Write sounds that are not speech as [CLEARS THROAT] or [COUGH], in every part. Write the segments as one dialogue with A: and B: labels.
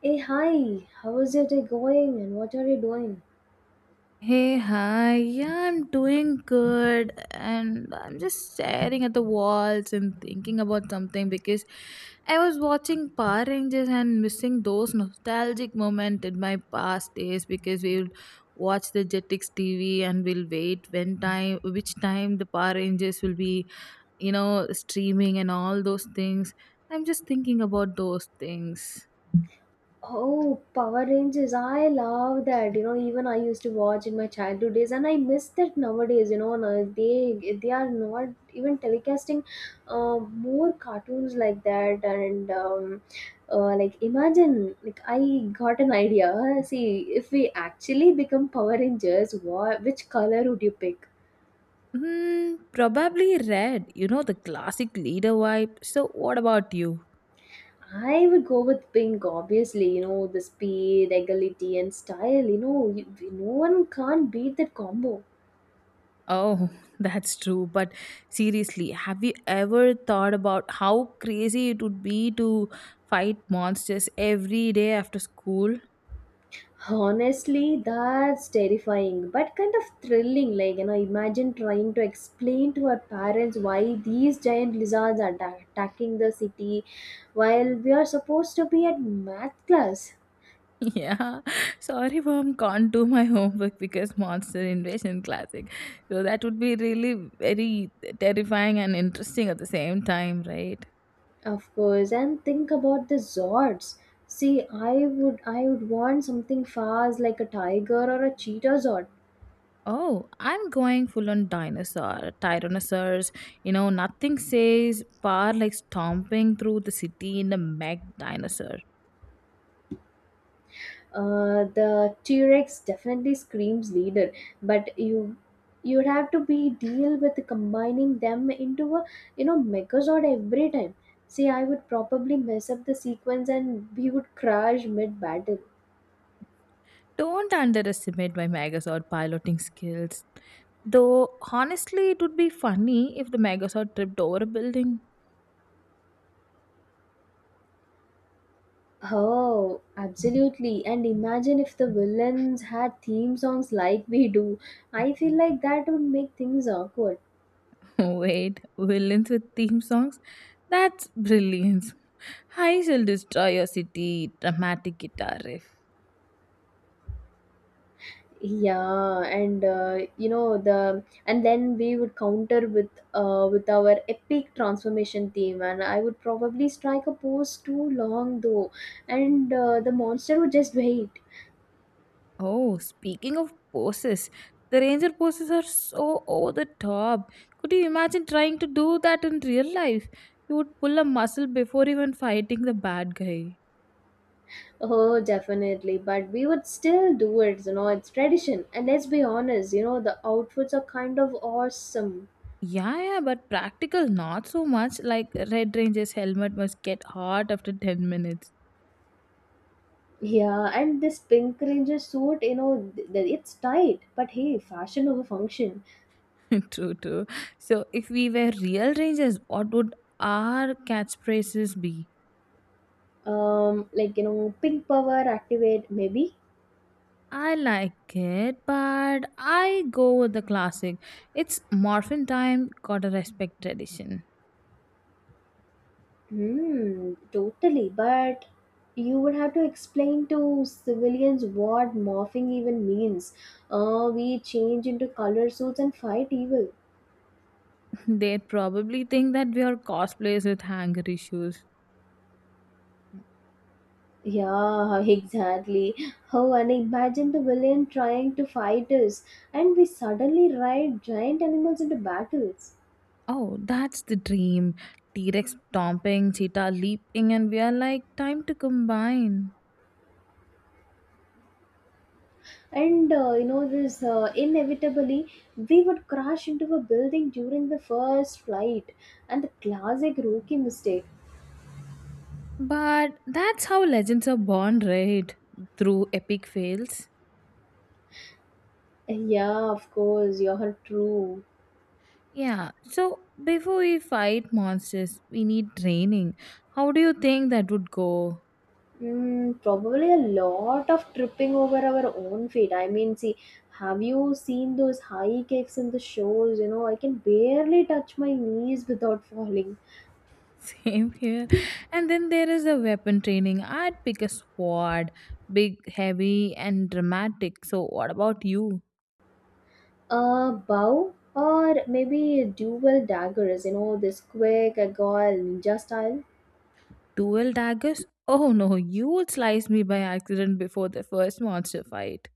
A: Hey, hi, how is your day going and what are you doing?
B: Hey, hi. Yeah, I'm doing good and I'm just staring at the walls and thinking about something because I was watching Power Rangers and missing those nostalgic moments in my past days because we would watch the Jetix TV and we'll wait when time which time the Power Rangers will be streaming and all those things. I'm just thinking about those things.
A: Oh, Power Rangers, I love that. You know, even I used to watch in my childhood days and I miss that nowadays. You know, now they are not even telecasting more cartoons like that. Imagine, like, I got an idea. See, if we actually become Power Rangers, what, which color would you pick?
B: Probably red. You know, the classic leader vibe. So, what about you?
A: I would go with pink, obviously. You know, the speed, agility, and style. You know, you, no one can't beat that combo.
B: Oh, [LAUGHS] that's true. But seriously, have you ever thought about how crazy it would be to fight monsters every day after school? [LAUGHS]
A: Honestly, that's terrifying, but kind of thrilling. Like, you know, imagine trying to explain to our parents why these giant lizards are attacking the city while we are supposed to be at math class.
B: Yeah, sorry, mom, can't do my homework because monster invasion classic. So that would be really very terrifying and interesting at the same time, right?
A: Of course, and think about the Zords. See, I would want something fast like a tiger or a cheetah Zord.
B: Oh, I'm going full on dinosaur, tyrannosaurs. You know, nothing says power like stomping through the city in a mech dinosaur.
A: The T-Rex definitely screams leader, but you'd have to be deal with combining them into a, you know, Megazord every time. See, I would probably mess up the sequence and we would crash mid battle.
B: Don't underestimate my Megazord piloting skills. Though, honestly, it would be funny if the Megazord tripped over a building.
A: Oh, absolutely. And imagine if the villains had theme songs like we do. I feel like that would make things awkward.
B: [LAUGHS] Wait, villains with theme songs? That's brilliance. I shall destroy your city, dramatic guitar riff.
A: Yeah, and you know the, and then we would counter with our epic transformation theme, and I would probably strike a pose too long though, and the monster would just wait.
B: Oh, speaking of poses, the ranger poses are so over the top. Could you imagine trying to do that in real life? You would pull a muscle before even fighting the bad guy.
A: Oh, definitely, but we would still do it. You know, it's tradition, and let's be honest, you know the outfits are kind of awesome.
B: Yeah, yeah, but practical not so much. Like Red Ranger's helmet must get hot after 10 minutes.
A: Yeah, and this pink ranger suit, you know, it's tight, but hey, fashion over function.
B: [LAUGHS] True, true. So, if we were real rangers, what would our catchphrases be?
A: Like, you know, pink power activate, maybe.
B: I like it, but I go with the classic. It's morphin time, gotta respect tradition.
A: Hmm, totally. But you would have to explain to civilians what morphing even means. We change into color suits and fight evil.
B: [LAUGHS] They probably think that we are cosplayers with hanger issues.
A: Yeah, [LAUGHS] exactly. Oh, and imagine the villain trying to fight us, and we suddenly ride giant animals into battles.
B: Oh, that's the dream. T Rex stomping, cheetah leaping, and we are like, time to combine.
A: And you know, this, inevitably we would crash into a building during the first flight, and the classic rookie mistake.
B: But that's how legends are born, right? Through epic fails.
A: Yeah, of course, you're true.
B: Yeah, so before we fight monsters, we need training. How do you think that would go?
A: Mm, probably a lot of tripping over our own feet. I mean, see, have you seen those high kicks in the shows? You know, I can barely touch my knees without falling.
B: Same here. And then there is a weapon training. I'd pick a sword, big, heavy, and dramatic. So, what about you?
A: Bow or maybe dual daggers, you know, this quick, agile, ninja style.
B: Dual daggers? Oh no, you would slice me by accident before the first monster fight.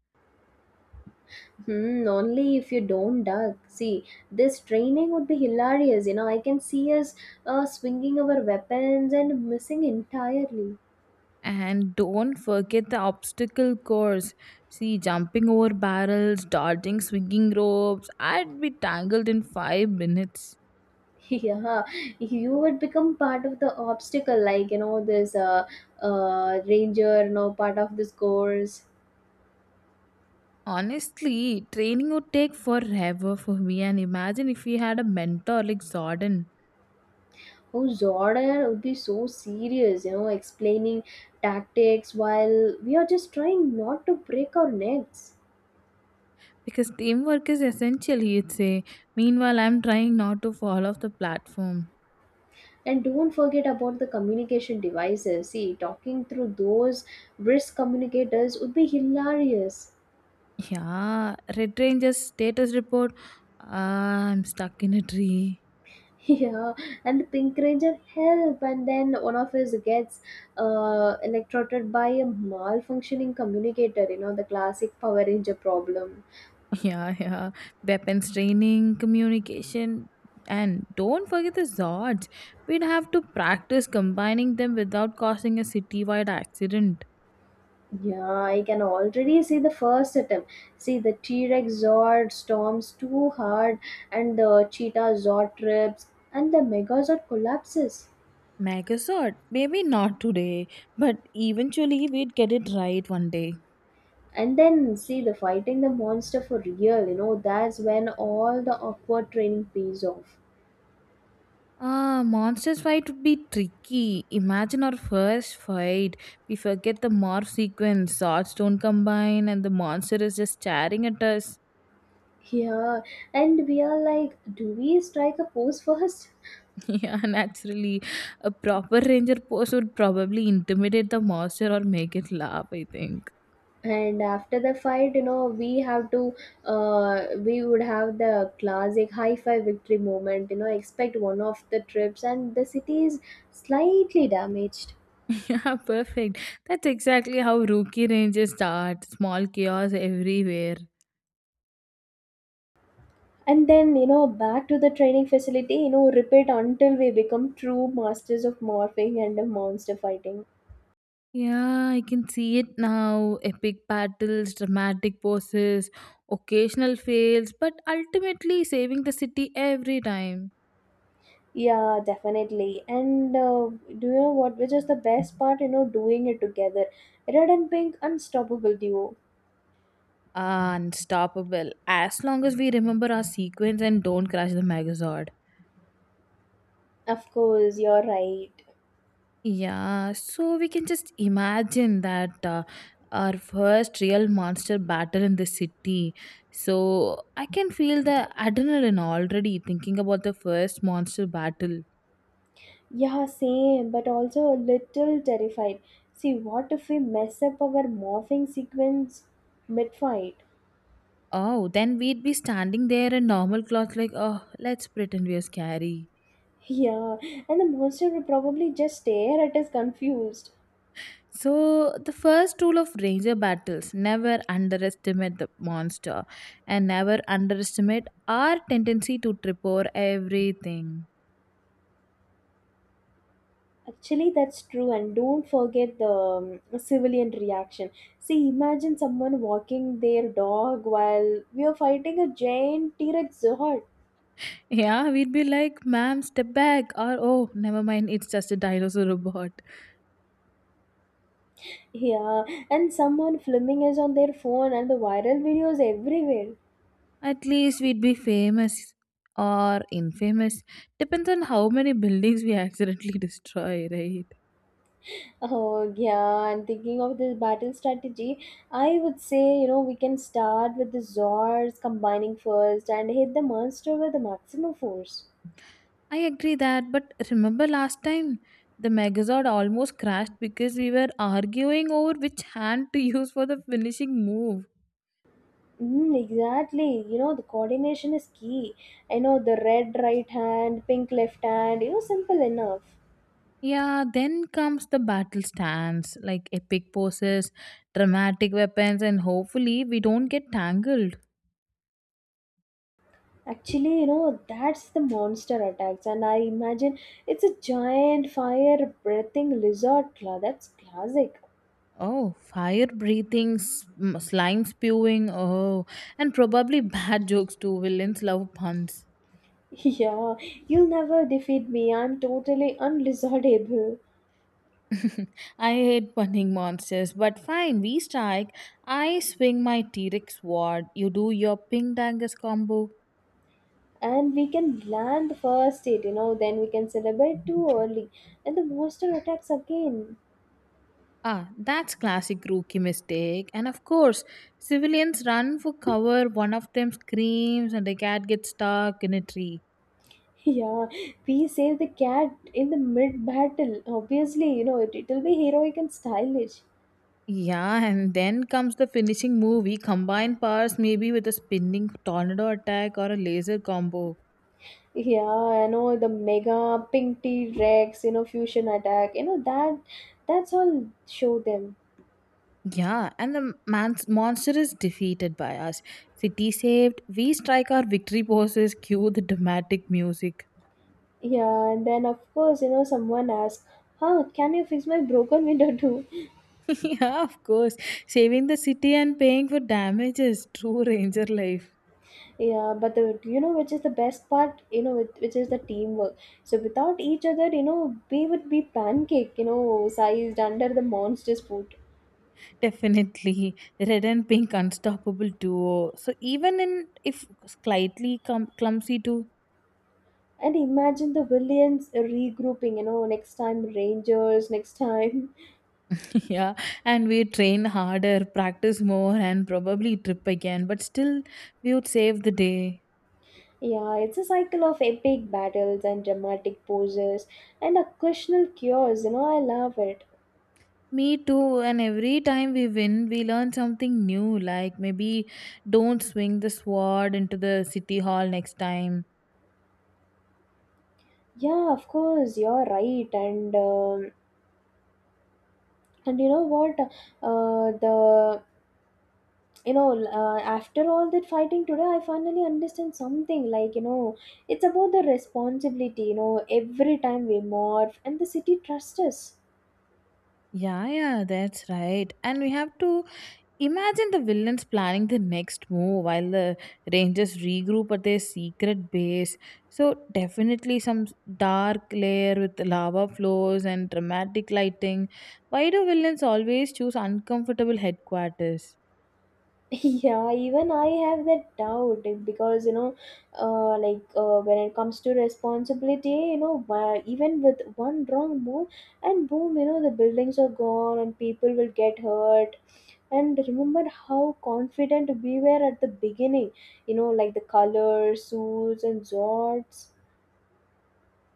A: Hmm, only if you don't duck. See, this training would be hilarious. You know, I can see us swinging our weapons and missing entirely.
B: And don't forget the obstacle course. See, jumping over barrels, dodging swinging ropes. I'd be tangled in 5 minutes.
A: [LAUGHS] Yeah, you would become part of the obstacle, like, you know, this ranger, you know, part of this course.
B: Honestly, training would take forever for me. And imagine if we had a mentor like Zordon.
A: Oh, Zordon would be so serious, you know, explaining tactics while we are just trying not to break our necks.
B: Because teamwork is essential, you'd say. Meanwhile, I'm trying not to fall off the platform.
A: And don't forget about the communication devices. See, talking through those wrist communicators would be hilarious.
B: Yeah, Red Ranger's status report. Ah, I'm stuck in a tree.
A: Yeah, and the Pink Ranger help, and then one of us gets electrocuted by a malfunctioning communicator. You know, the classic Power Ranger problem.
B: [LAUGHS] Yeah, yeah. Weapons training, communication, and don't forget the Zords. We'd have to practice combining them without causing a citywide accident.
A: Yeah, I can already see the first attempt. See, the T Rex Zord storms too hard, and the Cheetah Zord trips, and the Megazord collapses.
B: Megazord, maybe not today, but eventually we'd get it right one day.
A: And then see the fighting the monster for real. You know, that's when all the awkward training pays off.
B: Ah, monsters fight would be tricky. Imagine our first fight. We forget the morph sequence, swords don't combine, and the monster is just staring at us.
A: Yeah, and we are like, do we strike a pose first?
B: [LAUGHS] Yeah, naturally. A proper ranger pose would probably intimidate the monster or make it laugh, I think.
A: And after the fight, you know, we have to, we would have the classic high five victory moment, you know, expect one of the trips, and the city is slightly damaged.
B: [LAUGHS] Yeah, perfect. That's exactly how rookie rangers start. Small chaos everywhere.
A: And then, you know, back to the training facility, you know, repeat until we become true masters of morphing and monster fighting.
B: Yeah, I can see it now. Epic battles, dramatic poses, occasional fails, but ultimately saving the city every time.
A: Yeah, definitely. And do you know what? Which is the best part? You know, doing it together. Red and pink, unstoppable duo.
B: Unstoppable. As long as we remember our sequence and don't crash the Megazord.
A: Of course, you're right.
B: Yeah, so we can just imagine that our first real monster battle in the city. So I can feel the adrenaline already thinking about the first monster battle.
A: Yeah, same, but also a little terrified. See, what if we mess up our morphing sequence mid fight? [LAUGHS]
B: Oh, then we'd be standing there in normal clothes, like, oh, let's pretend we are scary.
A: Yeah, and the monster will probably just stare at us confused.
B: So, the first rule of ranger battles never underestimate the monster and never underestimate our tendency to trip over everything.
A: Actually, that's true, and don't forget the civilian reaction. See, imagine someone walking their dog while we are fighting a giant T Rex Zord.
B: Yeah, we'd be like, ma'am, step back, or oh, never mind, it's just a dinosaur [LAUGHS] robot.
A: Yeah, and someone filming us on their phone, and the viral videos everywhere.
B: At least we'd be famous or infamous. Depends on how many buildings we accidentally [LAUGHS] destroy, right?
A: Oh, yeah, and thinking of this battle strategy, I would say, you know, we can start with the Zords combining first and hit the monster with the maximum force.
B: I agree that, but remember last time the Megazord almost crashed because we were arguing over which hand to [LAUGHS] use for the finishing move.
A: Mm, exactly. You know, the coordination is key. I know, the red right hand, pink left hand, you know, simple enough.
B: Yeah, then comes the battle stance, like epic poses, dramatic weapons, and hopefully we don't get tangled.
A: Actually, you know, that's the monster attacks, and I imagine it's a giant fire breathing lizard claw. That's classic.
B: Oh, fire breathing, slime spewing, oh, and probably [LAUGHS] bad jokes too. Villains love puns.
A: [LAUGHS] Yeah, you'll never defeat me. I'm totally unlizardable.
B: [LAUGHS] I hate punning monsters, but fine, we strike. I swing my T Rex sword, you do your Ping Dangus combo.
A: And we can land the first hit, you know, then we can celebrate too early. And the monster attacks again.
B: Ah, that's classic rookie mistake. And of course, civilians run for cover, one of them screams, and the cat gets stuck in a tree.
A: Yeah, we save the cat in the mid battle. Obviously, you know, it'll be heroic and stylish.
B: Yeah, and then comes the finishing move. We combine powers maybe with a spinning tornado attack or a laser combo.
A: Yeah, I know, the mega pink T Rex, you know, fusion attack, you know, that's all show them.
B: Yeah, and the monster is defeated by us. City saved. We strike our victory poses. Cue the dramatic music.
A: Yeah, and then of course, you know, someone asks, huh, can you fix my broken window too?
B: [LAUGHS] Yeah, of course. Saving the city and paying for damages. True ranger life.
A: Yeah, but the, you know, which is the best part, you know, which is the teamwork. So without each other, you know, we would be pancake, you know, sized under the monster's foot.
B: Definitely. Red and pink unstoppable duo. So even in if slightly clumsy too.
A: And imagine the villains regrouping, you know, next time Rangers, next time. [LAUGHS]
B: [LAUGHS] Yeah. And we train harder, practice more and probably trip again. But still we would save the day.
A: Yeah, it's a cycle of epic battles and dramatic poses and occasional cures, you know, I love it.
B: Me too, and every time we win, we learn something new, like maybe don't swing the sword into the city hall next time.
A: Yeah, of course, you're right. And you know what? Uh, the, After all that fighting today, I finally understand something, like, you know, it's about the responsibility, you know, every time we morph and the city trusts us.
B: Yeah, yeah, that's right. And we have to imagine the villains planning the next move while the rangers regroup at their secret base. So, definitely some dark layer with lava flows and dramatic lighting. Why do villains always choose uncomfortable headquarters?
A: [LAUGHS] Yeah, even I have that doubt, eh, because, you know, when it comes to responsibility, you know, why, even with one wrong move, and boom, you know, the buildings are gone and people will get hurt. And remember how confident we were at the beginning, you know, like the colors, suits, and jorts.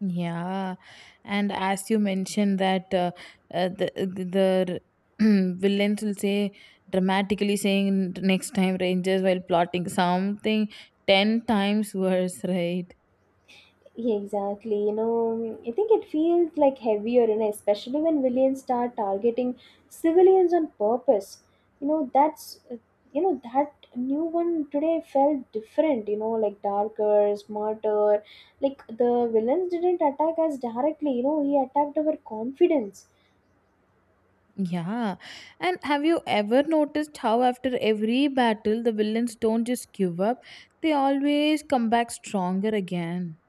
B: Yeah, and as you mentioned that the the [CLEARS THROAT] villains will say dramatically saying next time Rangers while plotting something 10 times worse, right?
A: Yeah, exactly. You know, I think it feels like heavier, you know, especially when villains start targeting civilians on purpose. You know, that's, you know, that new one today felt different, you know, like darker, smarter. Like the villains didn't attack us directly, you know, he attacked our confidence.
B: Yeah, and have you ever noticed how after every battle the villains don't just give up; they always come back stronger again.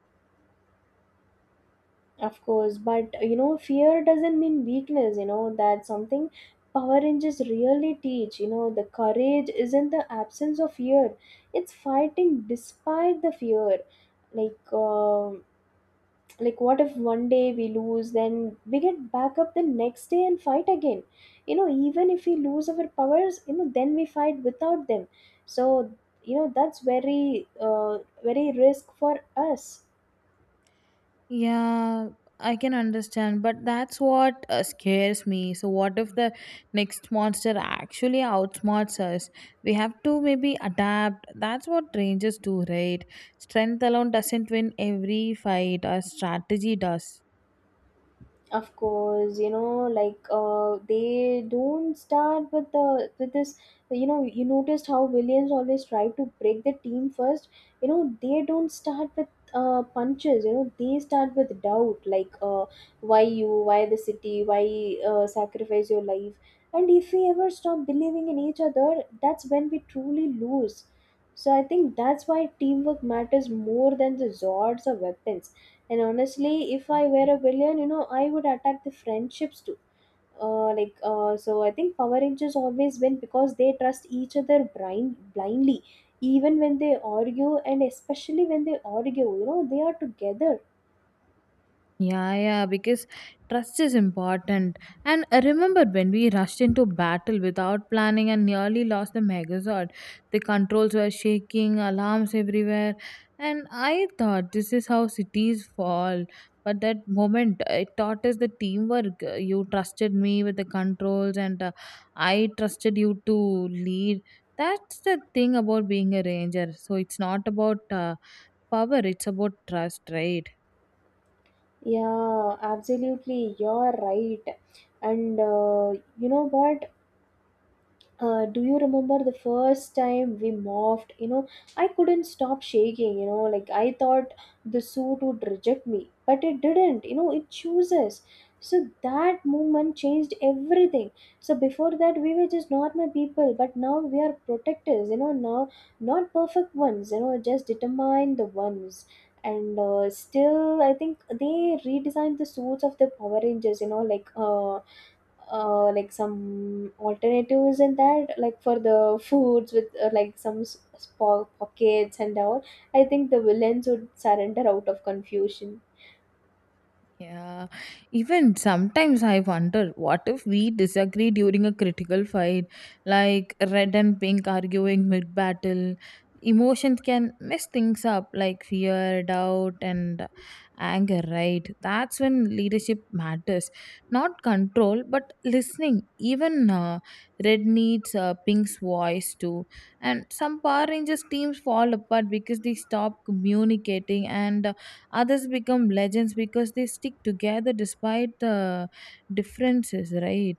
A: Of course, but you know, fear doesn't mean weakness, you know, that's something Power Rangers really teach. You know, the courage isn't the absence of fear, it's fighting despite the fear. Like, um like what if one day we lose, then we get back up the next day and fight again. You know, even if we lose our powers, you know, then we fight without them. So, you know, that's very, very risk for us.
B: Yeah, I can understand, but that's what scares me. So, what if the next monster actually outsmarts us? We have to maybe adapt. That's what rangers do, right? Strength alone doesn't win every fight, our strategy does.
A: Of course, you know, they don't start with the, with this, you know, you noticed how williams always tried to break the team first, you know, they don't start with punches, you know, they start with doubt, why you, why the city, why sacrifice your life. And if we ever stop believing in each other, that's when we truly lose. So I think that's why teamwork matters more than the Zords or weapons. And honestly, if I were a villain, you know, I would attack the friendships too. So, I think Power Rangers always win because they trust each other blindly, even when they argue, and especially when they argue, you know, they are together.
B: Yeah, yeah, because trust is important. And I remember when we rushed into battle without planning and nearly lost the Megazord. The controls were shaking, alarms everywhere, and I thought this is how cities fall. But that moment, it taught us the teamwork. You trusted me with the controls, and I trusted you to lead. That's the thing about being a ranger. So it's not about power; it's about trust, right?
A: Yeah, absolutely, you're right. And you know what? Uh, do you remember the first time we morphed? You know, I couldn't stop shaking. You know, like, I thought the suit would reject me, but it didn't. You know, it chooses. So that movement changed everything. So before that we were just normal people, but now we are protectors. You know, now, not perfect ones, you know, just determined the ones. And still I think they redesigned the suits of the Power Rangers, you know, like some alternatives in that, like for the foods with like some small pockets and all. I think the villains would surrender out of confusion.
B: Yeah, even sometimes I wonder what if we disagree during a critical fight, like red and pink arguing mid battle. Emotions can mess things up, like fear, doubt, and anger, right? That's when leadership matters. Not control, but listening. Even red needs pink's voice too. And some Power Rangers teams fall apart because they stop communicating and others become legends because they stick together despite the differences, right?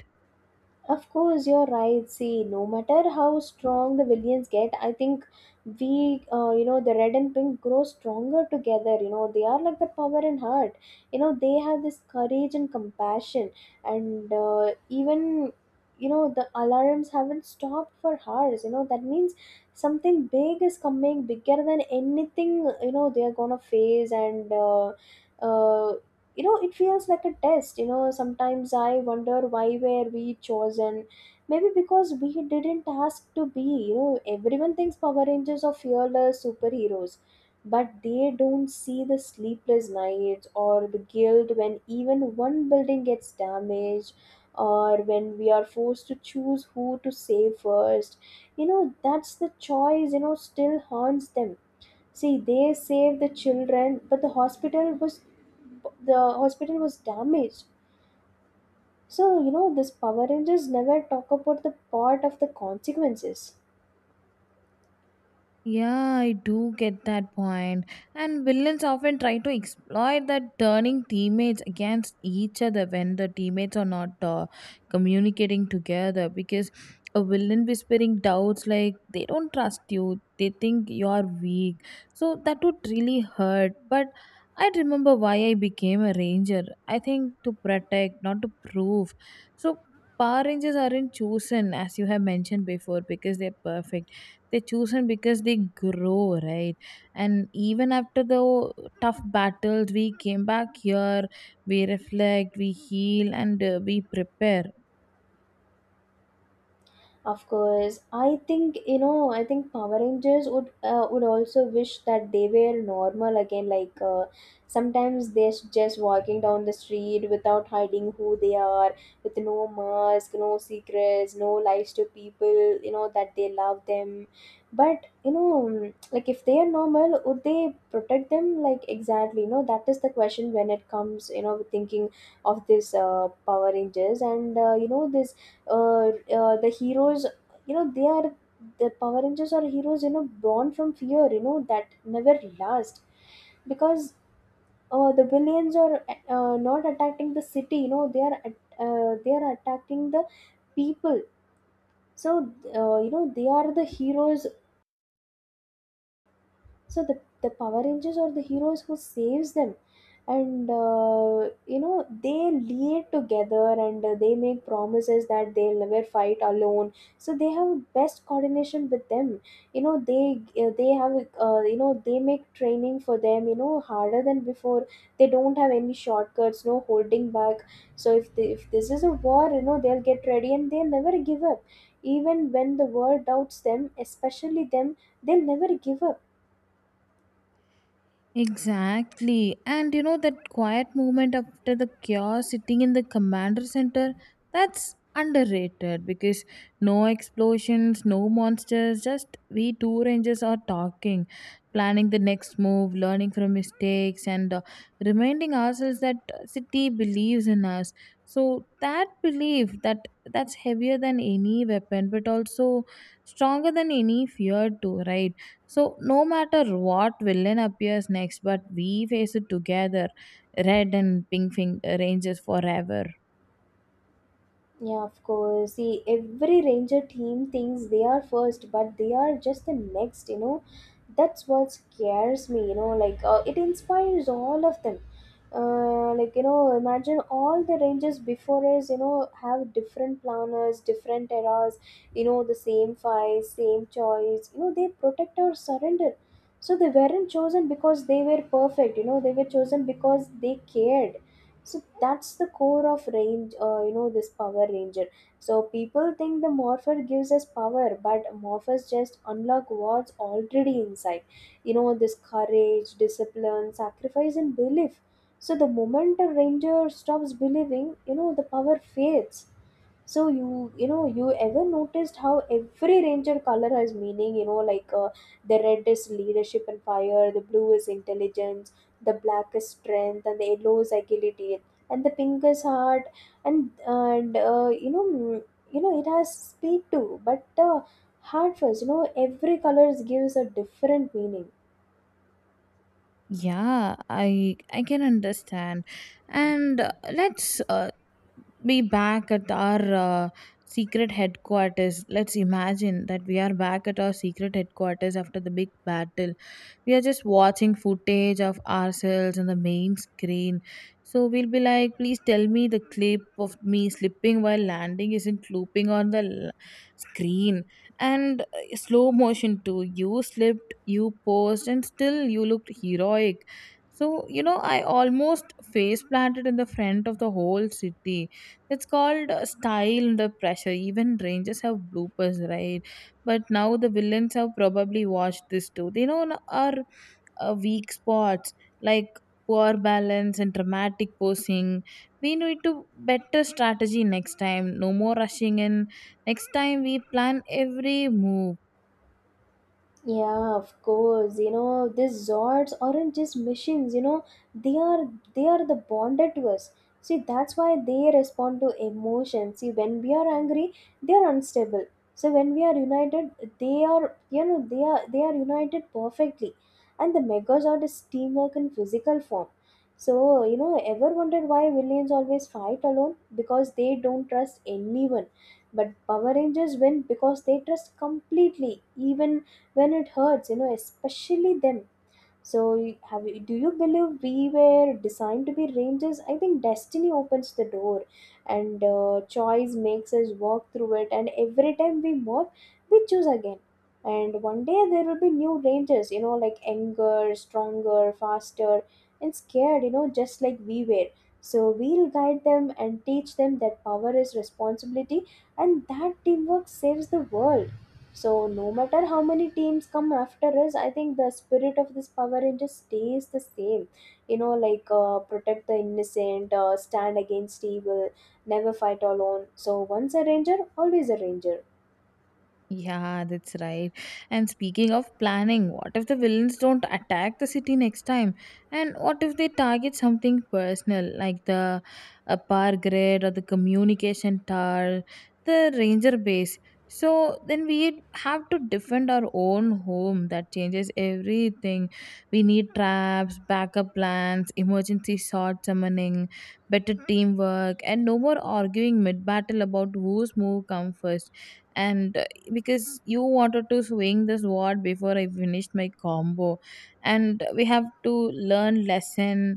A: Of course, you're right. See, no matter how strong the villains get, I think we, you know, the red and pink grow stronger together. You know, they are like the power and heart. You know, they have this courage and compassion. And even, you know, the alarms haven't stopped for hours. You know, that means something big is coming, bigger than anything, you know, they are gonna face. Uh, you know, it feels like a test. You know, sometimes I wonder why were we chosen. Maybe because we didn't ask to be. You know, everyone thinks Power Rangers are fearless superheroes, but they don't see the sleepless nights or the guilt when even one building gets damaged, or when we are forced to choose who to save first. You know, that's the choice, you know, still haunts them. See, they saved the children, but the hospital was damaged. So, you know, this Power Rangers never talk about the part of the consequences.
B: Yeah, I do get that point. And villains often try to exploit that, turning teammates against each other when the teammates are not communicating together. Because a villain whispering doubts like they don't trust you, they think you are weak. So that would really hurt. But I remember why I became a ranger. I think to protect, not to prove. So Power Rangers aren't chosen, as you have mentioned before, because they're perfect. They choose him because they grow, right? And even after the tough battles, we came back here, we reflect, we heal, and we prepare.
A: Of course, I think you know. I think Power Rangers would also wish that they were normal again. Like sometimes they're just walking down the street without hiding who they are, with no mask, no secrets, no lies to people. You know that they love them, but you know, like if they are normal, would they protect them? Like exactly, you know, that is the question when it comes. You know, thinking of this Power Rangers and you know, this the heroes, you know they are, the Power Rangers are heroes, you know, born from fear, you know that never last. Because the villains are, not attacking the city, you know, they are they are attacking the people. So you know, they are the heroes. So the Power Rangers are the heroes who saves them. And you know, they lead together, and they make promises that they'll never fight alone, so they have best coordination with them. You know, they have, you know, they make training for them, you know, harder than before. They don't have any shortcuts, no holding back. So if this is a war, you know, they'll get ready and they'll never give up. Even when the world doubts them, especially them, they'll never give up.
B: Exactly. And you know that quiet moment after the chaos sitting in the commander center, that's underrated because no explosions, no monsters, just we two rangers are talking, planning the next move, learning from mistakes and reminding ourselves that city believes in us. So that belief that that's heavier than any weapon but also stronger than any fear too, right? So, no matter what villain appears next, but we face it together. Red and pink ranges forever.
A: Yeah, of course. See, every ranger team thinks they are first, but they are just the next, you know. That's what scares me, you know. Like, it inspires all of them. Like, you know, imagine all the rangers before us, you know, have different planners, different eras, you know, the same fight, same choice. You know, they protect or surrender. So they weren't chosen because they were perfect, you know, they were chosen because they cared. So that's the core of range you know, this Power Ranger. So people think the morpher gives us power, but morphers just unlock what's already inside. You know, this courage, discipline, sacrifice and belief. So the moment a ranger stops believing, you know, the power fades. So you know, you ever noticed how every ranger color has meaning? You know, like the red is leadership and fire, the blue is intelligence, the black is strength, and the yellow is agility, and the pink is heart, and you know, you know, it has speed too, but heart first. You know, every colors gives a different meaning.
B: Yeah, I can understand. And let's be back at our secret headquarters. Let's imagine that we are back at our secret headquarters after the big battle. We are just watching footage of ourselves on the main screen. So we'll be like, please tell me the clip of me slipping while landing isn't looping on the screen. And slow motion too. You slipped, you posed, and still you looked heroic. So, you know, I almost face planted in the front of the whole city. It's called style under pressure. Even Rangers have bloopers, right? But now the villains have probably watched this too. They know our weak spots like poor balance and dramatic posing. We need to better strategy next time. No more rushing in. Next time we plan every move.
A: Yeah, of course. You know, these Zords aren't just machines, you know, they are they are the bonded to us. See, that's why they respond to emotions. See, when we are angry, they are unstable. So when we are united, they are, you know, they are united perfectly. And the Megazord is teamwork in physical form. So, you know, ever wondered why villains always fight alone? Because they don't trust anyone. But Power Rangers win because they trust completely, even when it hurts, you know, especially them. So do you believe we were designed to be rangers? I think destiny opens the door, and choice makes us walk through it, and every time we move, we choose again. And one day there will be new rangers, you know, like anger, stronger, faster, and scared, you know, just like we were. So we'll guide them and teach them that power is responsibility, and that teamwork saves the world. So no matter how many teams come after us, I think the spirit of this Power Ranger stays the same. You know, like protect the innocent, stand against evil, never fight alone. So once a ranger, always a ranger.
B: Yeah, that's right. And speaking of planning, what if the villains don't attack the city next time? And what if they target something personal like the power grid or the communication tower, the ranger base? So then we have to defend our own home. That changes everything. We need traps, backup plans, emergency sword summoning, better teamwork, and no more arguing mid battle about whose move comes first and because you wanted to swing the sword before I finished my combo, and we have to learn lesson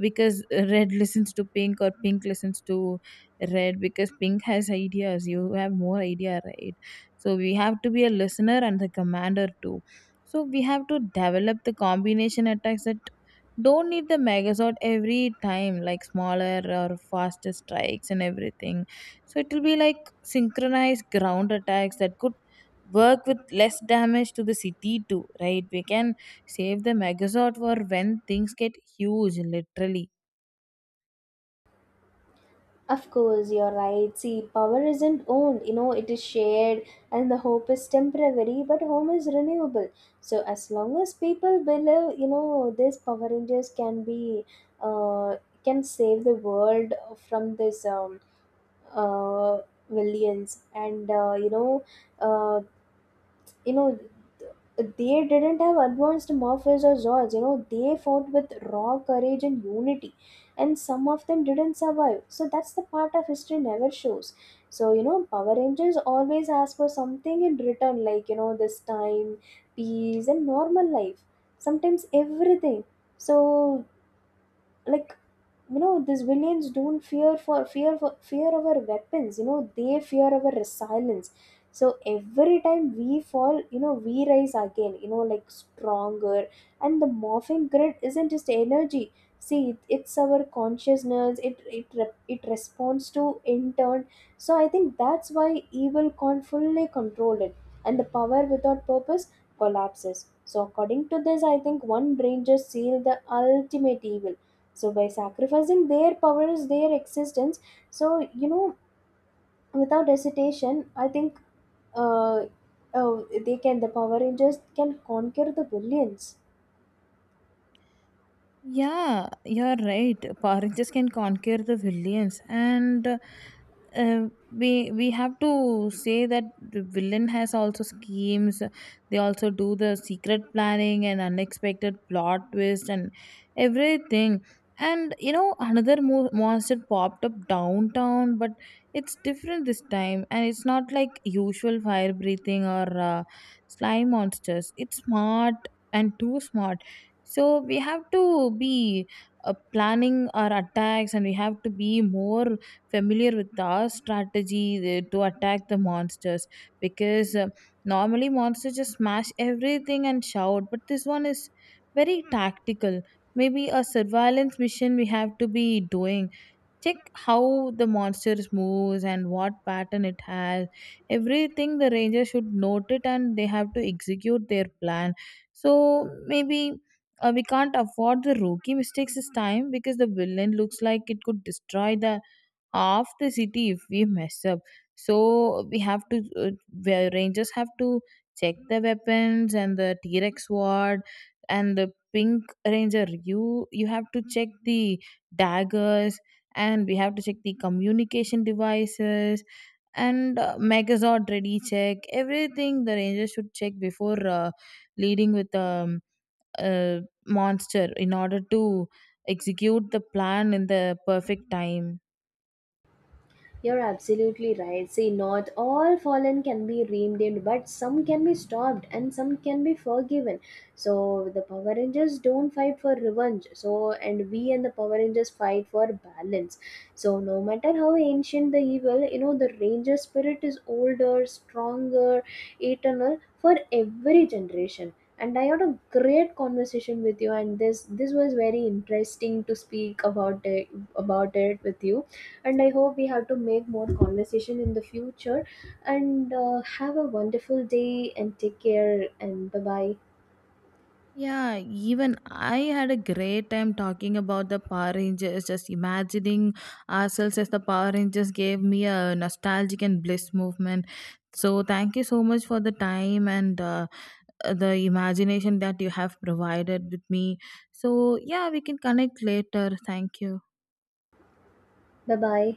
B: because red [LAUGHS] listens to pink or pink listens to red because pink has ideas. You have more idea, right? So we have to be a listener and the commander too. So we have to develop the combination attacks that don't need the megazord every time like smaller or faster strikes and everything so it will be like synchronized ground attacks that could work with less damage to the city too, right? We can save the megazord for when things get huge, literally.
A: Of course, you're right. See, power isn't owned. You know, it is shared, and the hope is temporary, but home is renewable. So as long as people believe, you know, these Power Rangers can be, uh, can save the world from this. Uh, Williams, and uh, you know, they didn't have advanced morphers or zords. You know, they fought with raw courage and unity, and some of them didn't survive. So that's the part of history never shows. So you know, Power Rangers always ask for something in return, like you know, this time, peace, and normal life. Sometimes everything. So, like, you know, these villains don't fear our weapons, you know, they fear our silence. So every time we fall, you know, we rise again, you know, like stronger. And the morphing grid isn't just energy. See, it's our consciousness. It responds to in turn. So I think that's why evil can't fully control it. And the power without purpose collapses. So according to this, I think one brain just sealed the ultimate evil, so by sacrificing their powers, their existence. So, you know, without hesitation, I think, uh, uh, they can, the Power Rangers can conquer the billions.
B: Yeah, you're right. Power Rangers can conquer the villains, and we have to say that the villain has also schemes. They also do the secret planning and unexpected plot twist and everything. And another monster popped up downtown, but it's different this time, and it's not like usual fire breathing or slime monsters. It's smart and too smart so we have to be planning our attacks and we have to be more familiar with our strategy to attack the monsters because normally monsters just smash everything and shout but this one is very tactical maybe a surveillance mission we have to be doing check how the monster moves and what pattern it has everything the ranger should note it and they have to execute their plan so maybe we can't afford the rookie mistakes this time because the villain looks like it could destroy the of the city if we mess up. So the rangers have to check the weapons and the T Rex sword and the pink ranger. You have to check the daggers and we have to check the communication devices and Megazord ready check everything. The ranger should check before leading with a monster in order to execute the plan in the perfect time.
A: You're absolutely right. See, not all fallen can be redeemed, but some can be stopped and some can be forgiven. So the Power Rangers don't fight for revenge. So, and we, and the Power Rangers fight for balance. So no matter how ancient the evil, you know, the Ranger spirit is older, stronger, eternal for every generation. And I had a great conversation with you, and this was very interesting to speak about about it with you. And I hope we have to make more conversation in the future. And have a wonderful day and take care, and bye bye,
B: Yeah, even I had a great time talking about the Power Rangers, just imagining ourselves as the Power Rangers gave me a nostalgic and bliss movement. So, thank you so much for the time and the imagination that you have provided with me. So, yeah, we can connect later. Thank you.
A: bye bye.